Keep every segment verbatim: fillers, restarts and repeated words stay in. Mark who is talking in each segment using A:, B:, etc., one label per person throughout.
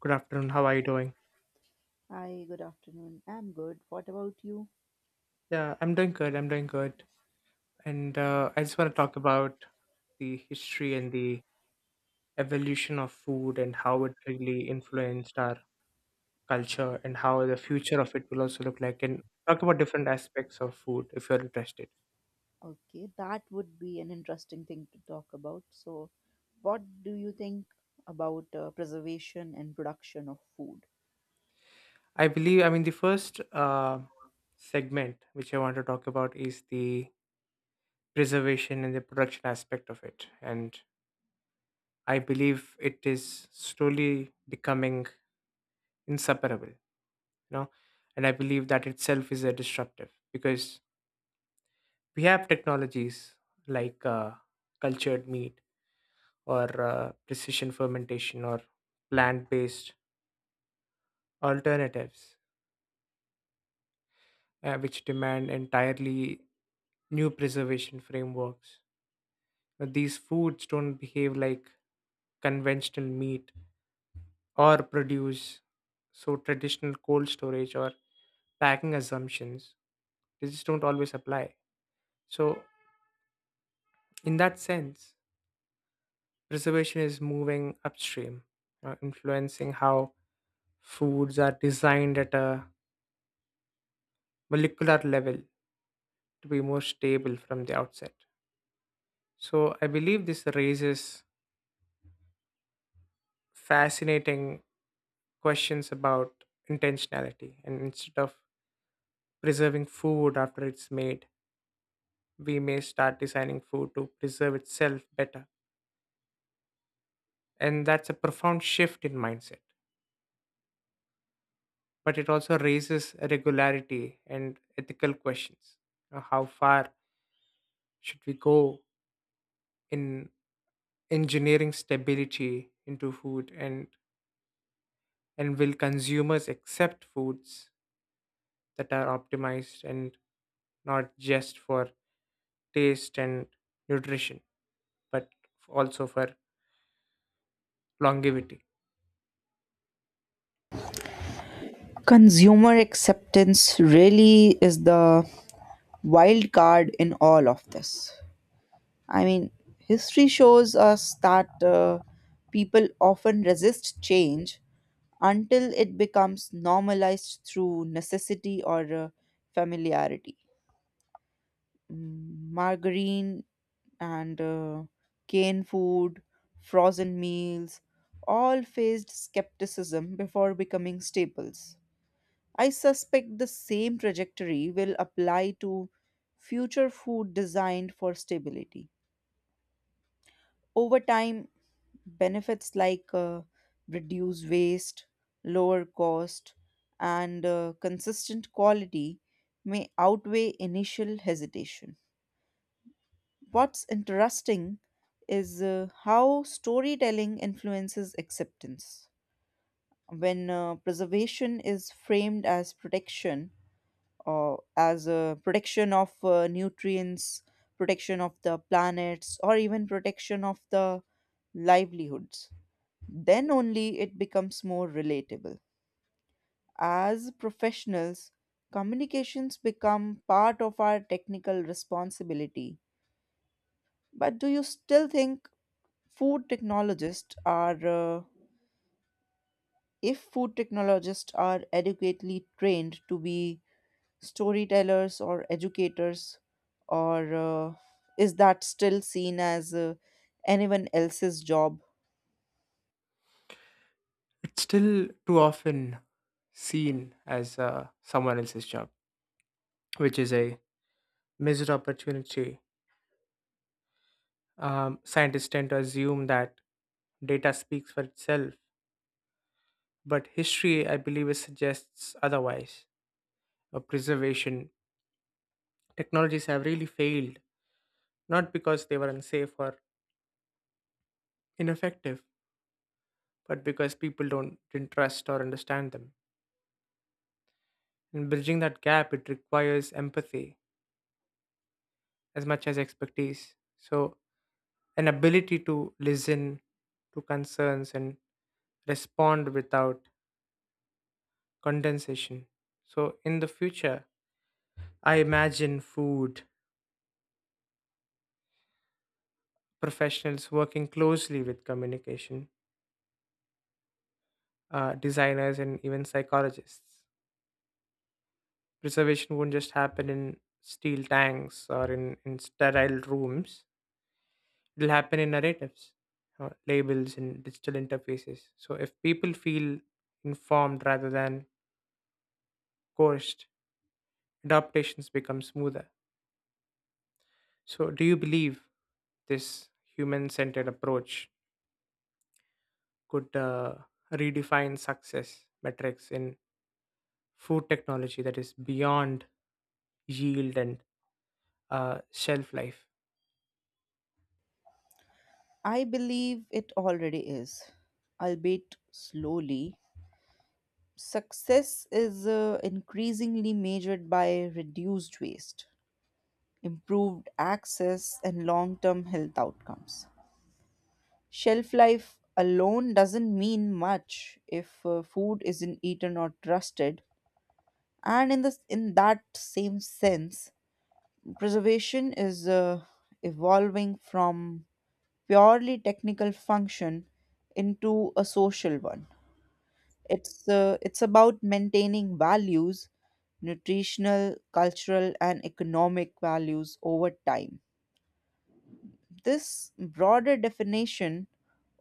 A: Good afternoon. How are you doing?
B: Hi, good afternoon. I'm good. What about you?
A: Yeah, I'm doing good. I'm doing good. And uh, I just want to talk about the history and the evolution of food, and how it really influenced our culture, and how the future of it will also look like, and talk about different aspects of food if you're interested.
B: Okay, that would be an interesting thing to talk about. So, what do you think about uh, preservation and production of food?
A: I believe, I mean, the first uh, segment which I want to talk about is the preservation and the production aspect of it. And I believe it is slowly becoming inseparable, you know and I believe that itself is a disruptive, because we have technologies like uh, cultured meat, or uh, precision fermentation, or plant-based alternatives, uh, which demand entirely new preservation frameworks. But these foods don't behave like conventional meat or produce, so traditional cold storage or packing assumptions, they just don't always apply. So in that sense, preservation is moving upstream, uh, influencing how foods are designed at a molecular level to be more stable from the outset. So I believe this raises fascinating questions about intentionality. And instead of preserving food after it's made, we may start designing food to preserve itself better. And that's a profound shift in mindset. But it also raises regularity and ethical questions. Uh, How far should we go in engineering stability into food, and and will consumers accept foods that are optimized, and not just for taste and nutrition, but also for longevity?
B: Consumer acceptance really is the wild card in all of this. I mean, history shows us that uh, people often resist change until it becomes normalized through necessity or uh, familiarity. Mm, margarine and uh, canned food, frozen meals, all faced skepticism before becoming staples. I suspect the same trajectory will apply to future food designed for stability. Over time, benefits like uh, reduced waste, lower cost, and uh, consistent quality may outweigh initial hesitation. What's interesting is uh, how storytelling influences acceptance. When uh, preservation is framed as protection, or as a protection of uh, nutrients, protection of the planets, or even protection of the livelihoods, then only it becomes more relatable. As professionals, communications become part of our technical responsibility. But do you still think food technologists are uh, if food technologists are adequately trained to be storytellers or educators or uh, is that still seen as uh, anyone else's job?
A: It's still too often seen as uh, someone else's job, which is a missed opportunity. Um, scientists tend to assume that data speaks for itself, but history, I believe, it suggests otherwise. Uh, preservation. Technologies have really failed, not because they were unsafe or ineffective, but because people don't didn't trust or understand them. And bridging that gap, it requires empathy as much as expertise. So, an ability to listen to concerns and respond without condensation. So, in the future, I imagine food professionals working closely with communication, uh, designers, and even psychologists. Preservation won't just happen in steel tanks or in, in sterile rooms. It'll happen in narratives, uh, labels, and digital interfaces. So if people feel informed rather than coerced, adaptations become smoother. So do you believe this human-centered approach could uh, redefine success metrics in food technology, that is, beyond yield and uh, shelf life?
B: I believe it already is, albeit slowly. Success is uh, increasingly measured by reduced waste, improved access, and long-term health outcomes. Shelf life alone doesn't mean much if uh, food isn't eaten or trusted. And in this, in that same sense, preservation is uh, evolving from purely technical function into a social one. It's uh, it's about maintaining values, nutritional, cultural, and economic values over time. This broader definition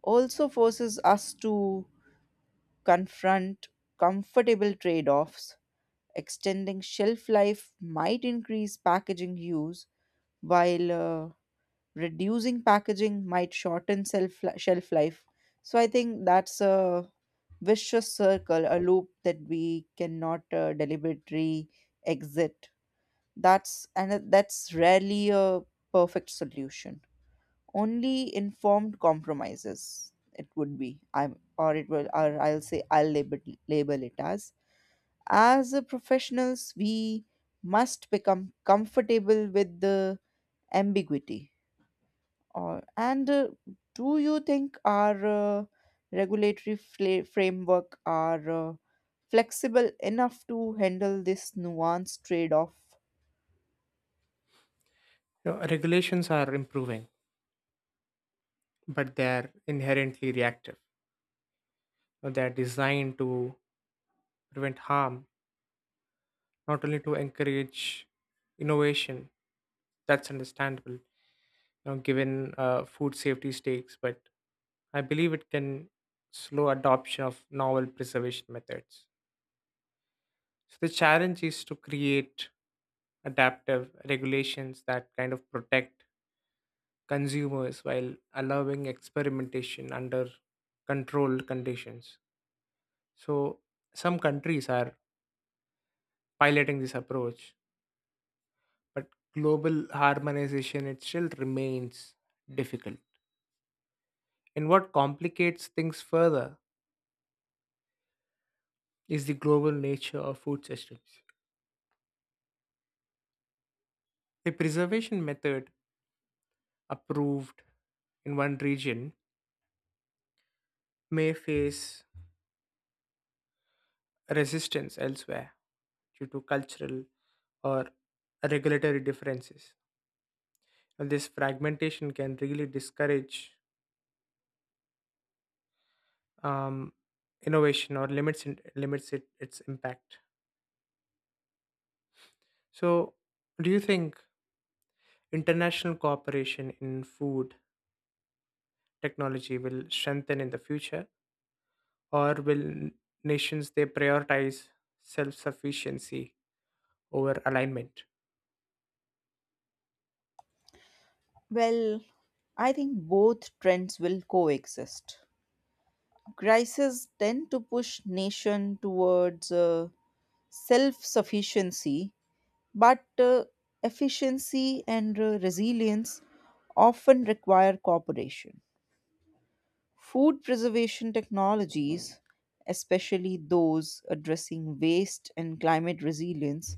B: also forces us to confront comfortable trade offs. Extending shelf life might increase packaging use, while uh, reducing packaging might shorten shelf, shelf life. So I think that's a vicious circle, a loop that we cannot uh, deliberately exit. That's and uh, that's rarely a perfect solution. Only informed compromises it would be. I'm or it will or I'll say I'll label label it as as a professionals we must become comfortable with the ambiguity. Or and uh, Do you think our uh, regulatory fla- framework are uh, flexible enough to handle this nuanced trade off?
A: You know, regulations are improving, but they're inherently reactive. Uh, They're designed to prevent harm, not only to encourage innovation. That's understandable, you know, given uh, food safety stakes. But I believe it can slow adoption of novel preservation methods. So the challenge is to create adaptive regulations that kind of protect consumers while allowing experimentation under controlled conditions. So some countries are piloting this approach, but global harmonization, it still remains difficult. And what complicates things further is the global nature of food systems. A preservation method approved in one region may face resistance elsewhere due to cultural or regulatory differences. And this fragmentation can really discourage um, innovation, or limits in, limits it, its impact. So, do you think international cooperation in food technology will strengthen in the future, or will n- nations, they prioritize self sufficiency over alignment?
B: Well, I think both trends will coexist. Crises tend to push nation towards uh, self sufficiency. But uh, efficiency and uh, resilience often require cooperation. Food preservation technologies, especially those addressing waste and climate resilience,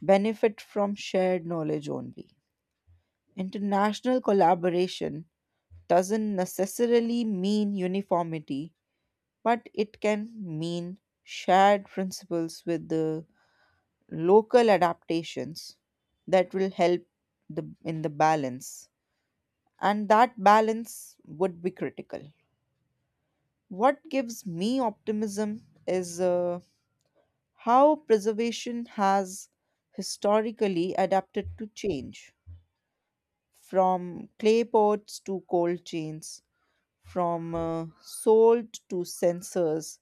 B: benefit from shared knowledge only. International collaboration doesn't necessarily mean uniformity, but it can mean shared principles, with the local adaptations that will help the in the balance, and that balance would be critical. What gives me optimism is uh, how preservation has historically adapted to change, from clay pots to cold chains, from uh, salt to sensors.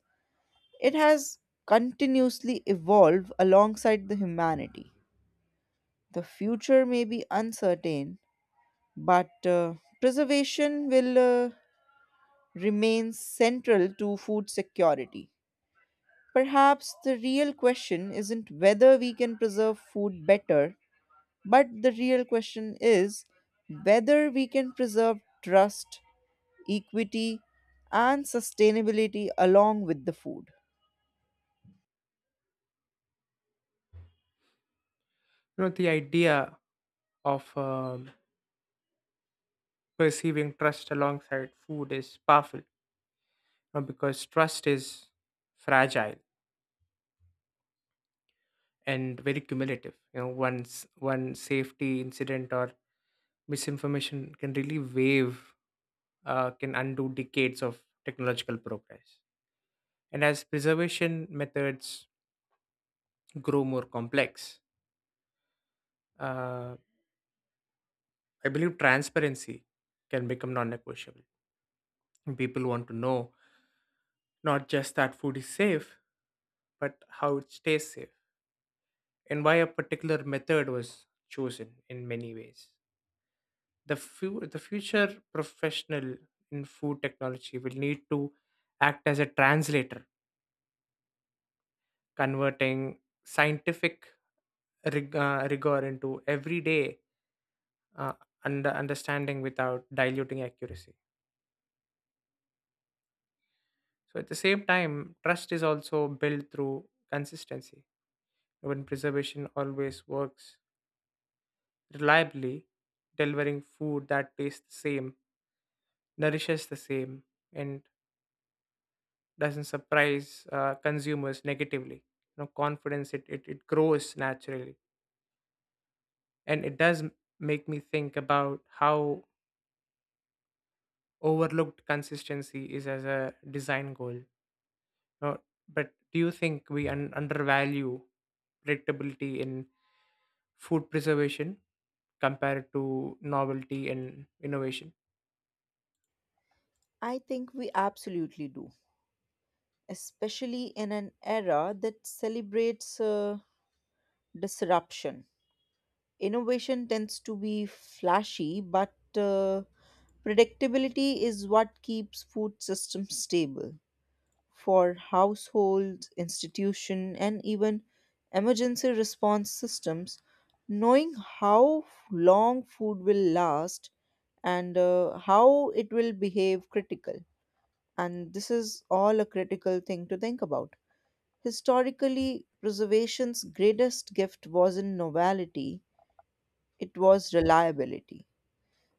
B: It has continuously evolved alongside the humanity. The future may be uncertain, but uh, preservation will uh, remain central to food security. Perhaps the real question isn't whether we can preserve food better, but the real question is whether we can preserve trust, equity, and sustainability along with the food.
A: You know, the idea of um, perceiving trust alongside food is powerful, uh, because trust is fragile and very cumulative. You know, once one safety incident or misinformation can really wave uh, can undo decades of technological progress. And as preservation methods grow more complex, uh, I believe transparency can become non-negotiable. People want to know, not just that food is safe, but how it stays safe, and why a particular method was chosen. In many ways, the fu- the future professional in food technology will need to act as a translator, converting scientific rig- uh, rigor into everyday uh, under understanding without diluting accuracy. So at the same time, trust is also built through consistency. When preservation always works reliably, delivering food that tastes the same, nourishes the same, and doesn't surprise uh, consumers negatively, You know, confidence it, it, it grows naturally. And it does m- make me think about how overlooked consistency is as a design goal. No, but do you think we un- undervalue predictability in food preservation compared to novelty and innovation?
B: I think we absolutely do, especially in an era that celebrates uh, disruption. Innovation tends to be flashy, but uh, predictability is what keeps food systems stable. For households, institution, and even emergency response systems, knowing how long food will last and uh, how it will behave critical, and this is all a critical thing to think about. Historically, preservation's greatest gift wasn't novelty, it was reliability.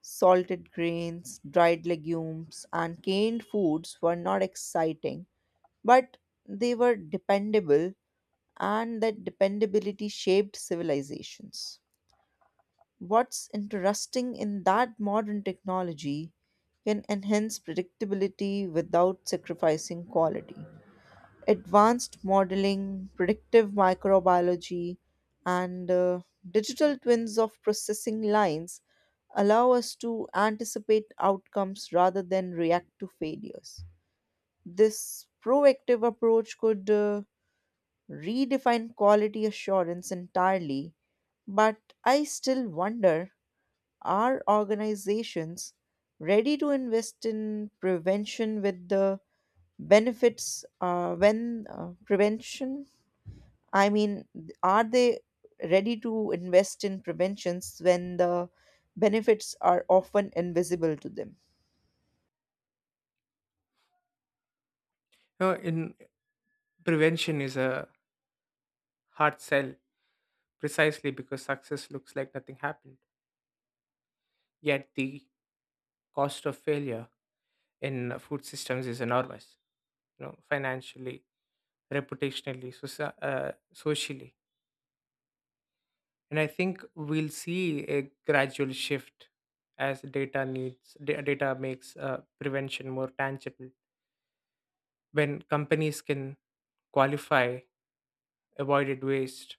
B: Salted grains, dried legumes, and canned foods were not exciting, but they were dependable, and that dependability shaped civilizations. What's interesting in that modern technology can enhance predictability without sacrificing quality. Advanced modeling, predictive microbiology, and uh, digital twins of processing lines allow us to anticipate outcomes rather than react to failures. This proactive approach could uh, redefine quality assurance entirely, but I still wonder, are organizations ready to invest in prevention with the benefits uh, when uh, prevention I mean, are they ready to invest in preventions when the benefits are often invisible to them?
A: No, in prevention is a hard sell, precisely because success looks like nothing happened. Yet the cost of failure in food systems is enormous. You know, financially, reputationally, soci- uh, socially. And I think we'll see a gradual shift as data needs da- data makes uh, prevention more tangible. When companies can qualify avoided waste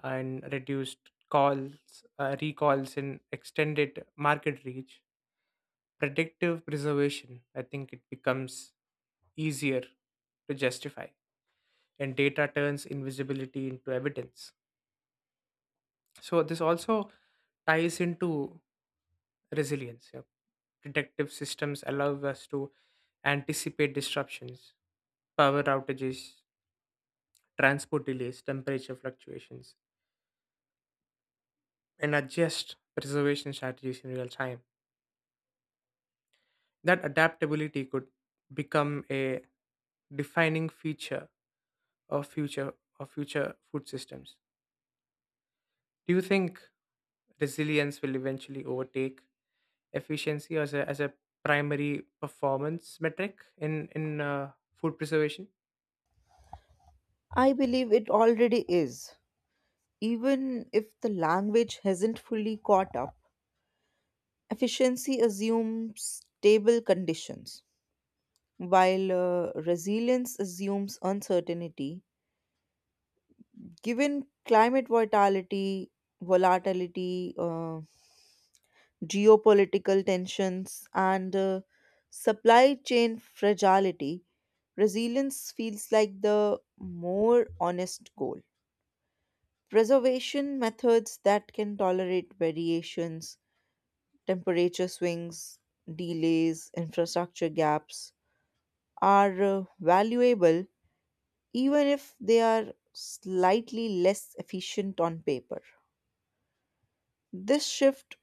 A: and reduced calls, uh, recalls, and extended market reach, predictive preservation, I think it becomes easier to justify. And data turns invisibility into evidence. So this also ties into resilience. Yeah. Predictive systems allow us to anticipate disruptions: power outages, transport delays, temperature fluctuations, and adjust preservation strategies in real time. That adaptability could become a defining feature of future of future food systems. Do you think resilience will eventually overtake efficiency as a, as a primary performance metric in in uh, food preservation?
B: I believe it already is. Even if the language hasn't fully caught up, efficiency assumes stable conditions, while uh, resilience assumes uncertainty. Given climate volatility, volatility, uh, geopolitical tensions, and uh, supply chain fragility, resilience feels like the more honest goal. Preservation methods that can tolerate variations, temperature swings, delays, infrastructure gaps are uh, valuable, even if they are slightly less efficient on paper. This shift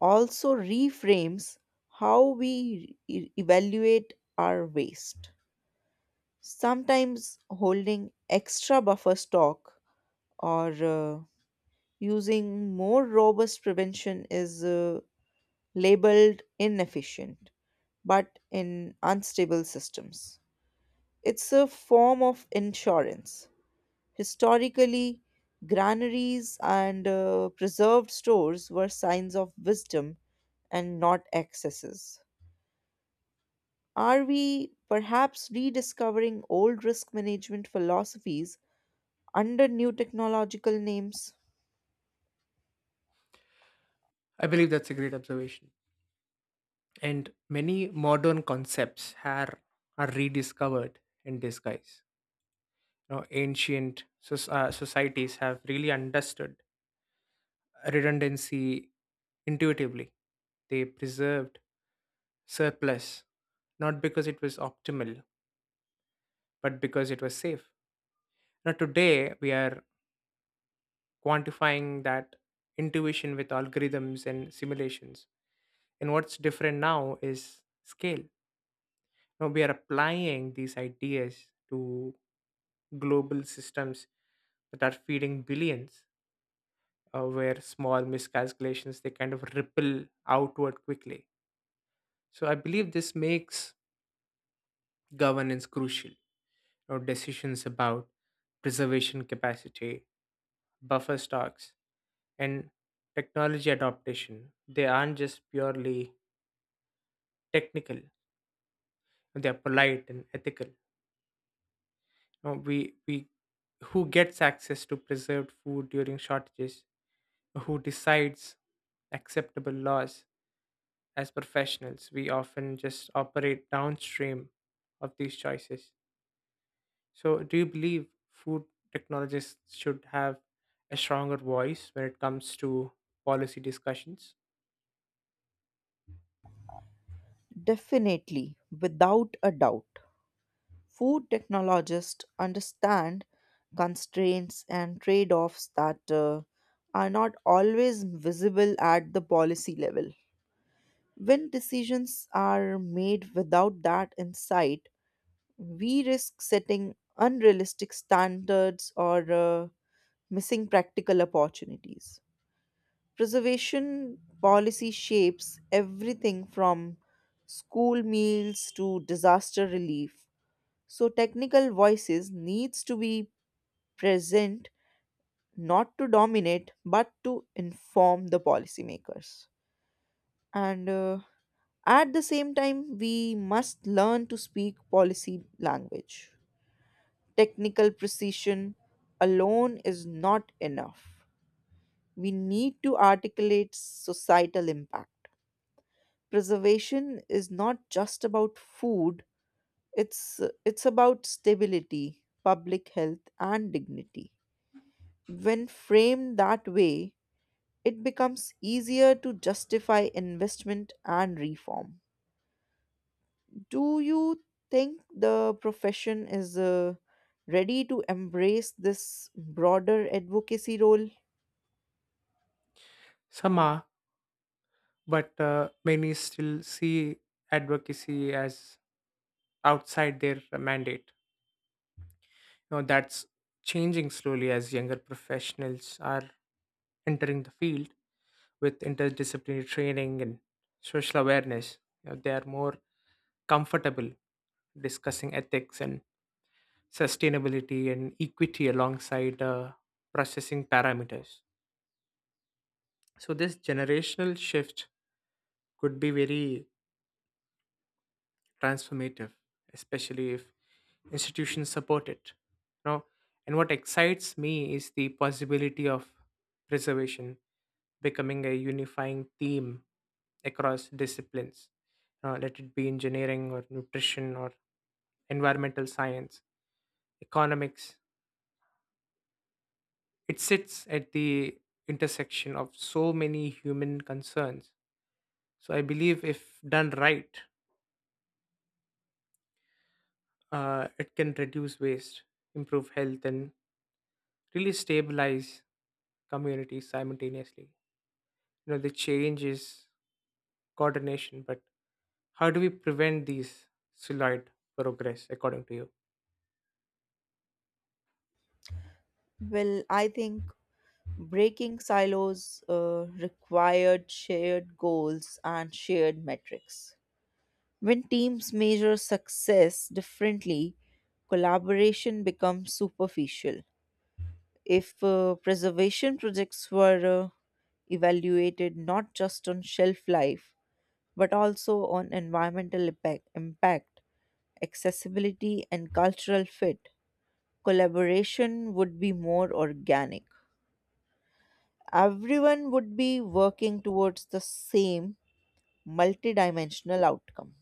B: also reframes how we e- evaluate our waste. Sometimes holding extra buffer stock or uh, using more robust prevention is uh, labeled inefficient, but in unstable systems, it's a form of insurance. Historically, granaries and uh, preserved stores were signs of wisdom and not excesses. Are we perhaps rediscovering old risk management philosophies under new technological names?
A: I believe that's a great observation. And many modern concepts are, are rediscovered in disguise. You know, ancient soc- uh, societies have really understood redundancy intuitively. They preserved surplus, not because it was optimal, but because it was safe. Now, today we are quantifying that intuition with algorithms and simulations. And what's different now is scale. Now, we are applying these ideas to global systems that are feeding billions, uh, where small miscalculations, they kind of ripple outward quickly. So I believe this makes governance crucial, or decisions about preservation capacity, buffer stocks, and technology adaptation, they aren't just purely technical, they are polite and ethical. Now, we we who gets access to preserved food during shortages, who decides acceptable laws. As professionals, we often just operate downstream of these choices. So, do you believe food technologists should have a stronger voice when it comes to policy discussions?
B: Definitely, without a doubt. Food technologists understand constraints and trade offs that uh, are not always visible at the policy level. When decisions are made without that insight, we risk setting unrealistic standards or uh, missing practical opportunities. Preservation policy shapes everything from school meals to disaster relief. So technical voices needs to be present, not to dominate but to inform the policymakers. And uh, at the same time, we must learn to speak policy language. Technical precision alone is not enough. We need to articulate societal impact. Preservation is not just about food, it's it's about stability, public health, and dignity. When framed that way, it becomes easier to justify investment and reform. Do you think the profession is uh, ready to embrace this broader advocacy role?
A: Some are, but uh, many still see advocacy as outside their mandate. You know, that's changing slowly, as younger professionals are entering the field with interdisciplinary training and social awareness. You know, they are more comfortable discussing ethics and sustainability and equity alongside uh, processing parameters. So, this generational shift could be very transformative, especially if institutions support it. Now, and what excites me is the possibility of preservation becoming a unifying theme across disciplines, uh, let it be engineering or nutrition or environmental science, economics. It sits at the intersection of so many human concerns. So I believe if done right, uh, it can reduce waste, improve health, and really stabilize communities simultaneously. You know, the change is coordination, but how do we prevent these slowed progress, according to you?
B: Well, I think breaking silos uh, required shared goals and shared metrics. When teams measure success differently, collaboration becomes superficial. If uh, preservation projects were uh, evaluated not just on shelf life, but also on environmental impact, impact, accessibility, and cultural fit, collaboration would be more organic. Everyone would be working towards the same multidimensional outcome.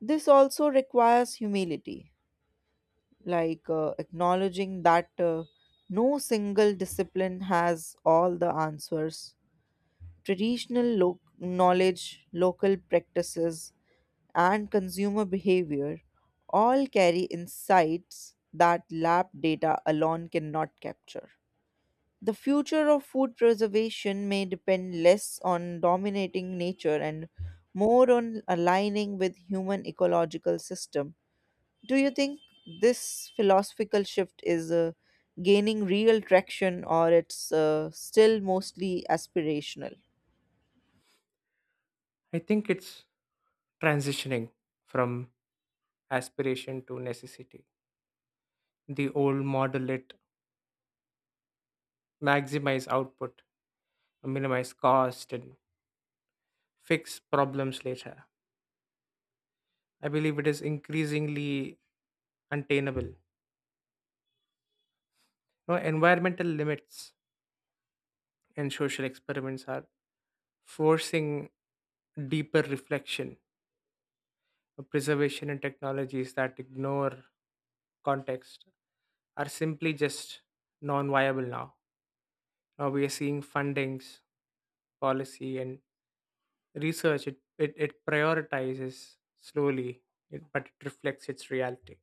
B: This also requires humility, like uh, acknowledging that uh, no single discipline has all the answers. Traditional lo- knowledge, local practices, and consumer behavior all carry insights that lab data alone cannot capture. The future of food preservation may depend less on dominating nature and more on aligning with human ecological system. Do you think this philosophical shift is uh, gaining real traction, or it's uh, still mostly aspirational?
A: I think it's transitioning from aspiration to necessity. The old model, it maximize output, minimize cost, and fix problems later. I believe it is increasingly untenable. You know, environmental limits and social experiments are forcing deeper reflection. Preservation and technologies that ignore context are simply just non viable now. Now we are seeing fundings, policy, and research. It, it, it prioritizes slowly, it, but it reflects its reality.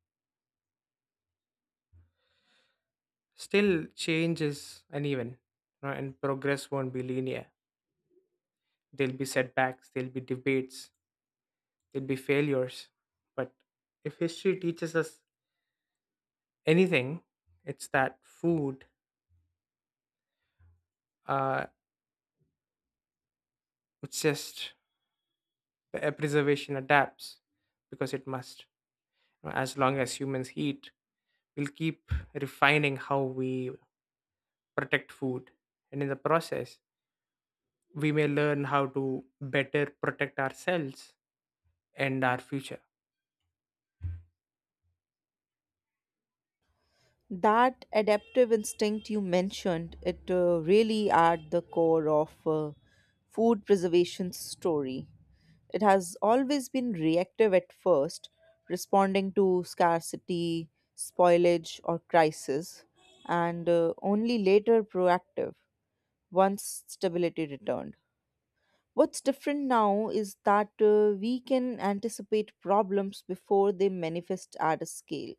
A: Still, change is uneven, you know, and progress won't be linear. There'll be setbacks, there'll be debates, there'll be failures. But if history teaches us anything, it's that food, uh, it's just the preservation adapts because it must. As long as humans eat, we'll keep refining how we protect food. And in the process, we may learn how to better protect ourselves and our future.
B: That adaptive instinct you mentioned, it uh, really at the core of uh, food preservation's story. It has always been reactive at first, responding to scarcity, spoilage, or crisis, and uh, only later proactive once stability returned. What's different now is that uh, we can anticipate problems before they manifest at a scale.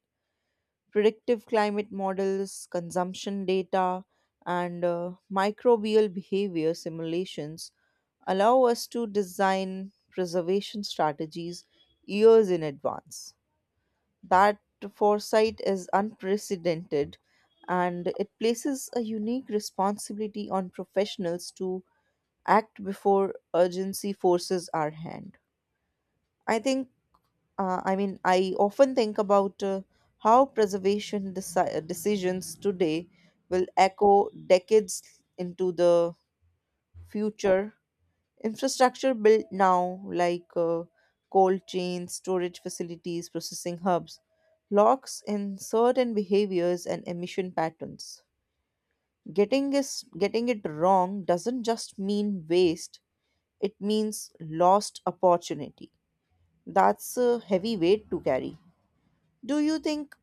B: Predictive climate models, consumption data, and uh, microbial behavior simulations allow us to design preservation strategies years in advance. That foresight is unprecedented, and it places a unique responsibility on professionals to act before urgency forces our hand. I think, uh, I mean, I often think about uh, how preservation deci- uh, decisions today will echo decades into the future. Infrastructure built now, like uh, cold chains, storage facilities, processing hubs, locks in certain behaviors and emission patterns. Getting is getting it wrong doesn't just mean waste, it means lost opportunity. That's a heavy weight to carry. Do you think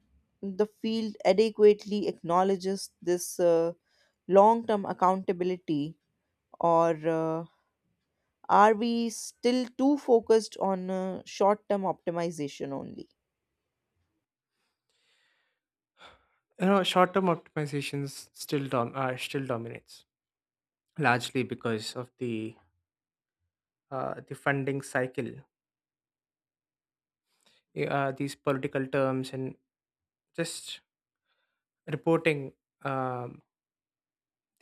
B: the field adequately acknowledges this uh, long term accountability, or uh, are we still too focused on uh, short term optimization only?
A: You know, short-term optimizations still dom- uh, still dominates, largely because of the uh, the funding cycle, eh, uh, these political terms, and just reporting. um,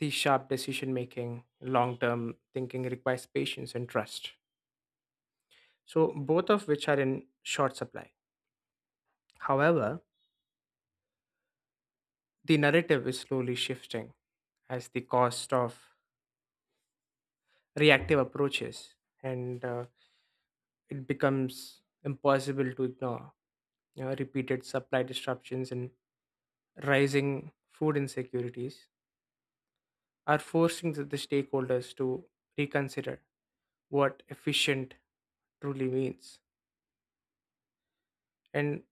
A: the sharp decision making, long term thinking requires patience and trust. So, both of which are in short supply. However, the narrative is slowly shifting as the cost of reactive approaches, and uh, it becomes impossible to ignore. You know, repeated supply disruptions and rising food insecurities are forcing the, the stakeholders to reconsider what efficient truly means. And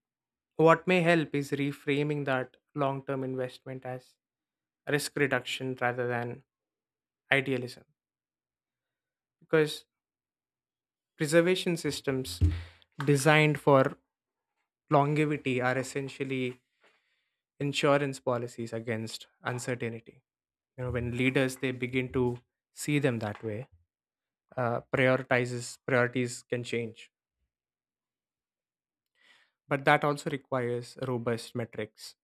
A: what may help is reframing that long term investment as risk reduction rather than idealism. Because preservation systems designed for longevity are essentially insurance policies against uncertainty. You know when leaders, they begin to see them that way, uh, prioritizes priorities can change. But that also requires robust metrics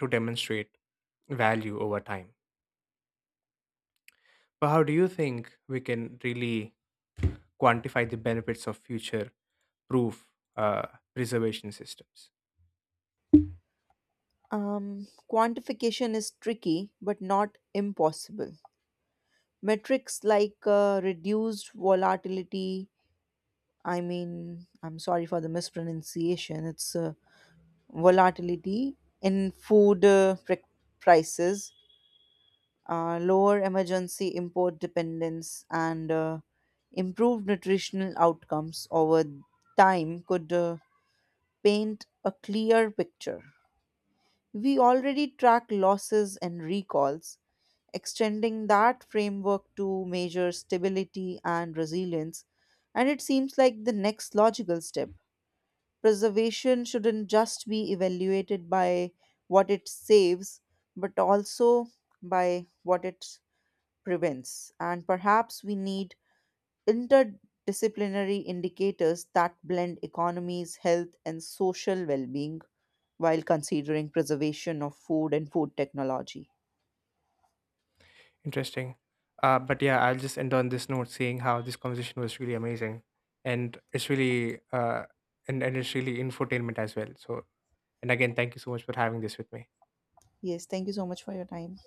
A: to demonstrate value over time. But how do you think we can really quantify the benefits of future proof uh, preservation systems?
B: Um, quantification is tricky but not impossible. Metrics like uh, reduced volatility, I mean, I'm sorry for the mispronunciation, it's uh, volatility in food uh, pri prices, uh, lower emergency import dependence, and uh, improved nutritional outcomes over time could uh, paint a clear picture. We already track losses and recalls. Extending that framework to measure stability and resilience, and it seems like the next logical step. Preservation shouldn't just be evaluated by what it saves, but also by what it prevents. And perhaps we need interdisciplinary indicators that blend economies, health, and social well being while considering preservation of food and food technology.
A: Interesting. Uh, but yeah, I'll just end on this note saying how this conversation was really amazing. And it's really, uh, and, and it's really infotainment as well. So, and again, thank you so much for having this with me.
B: Yes, thank you so much for your time.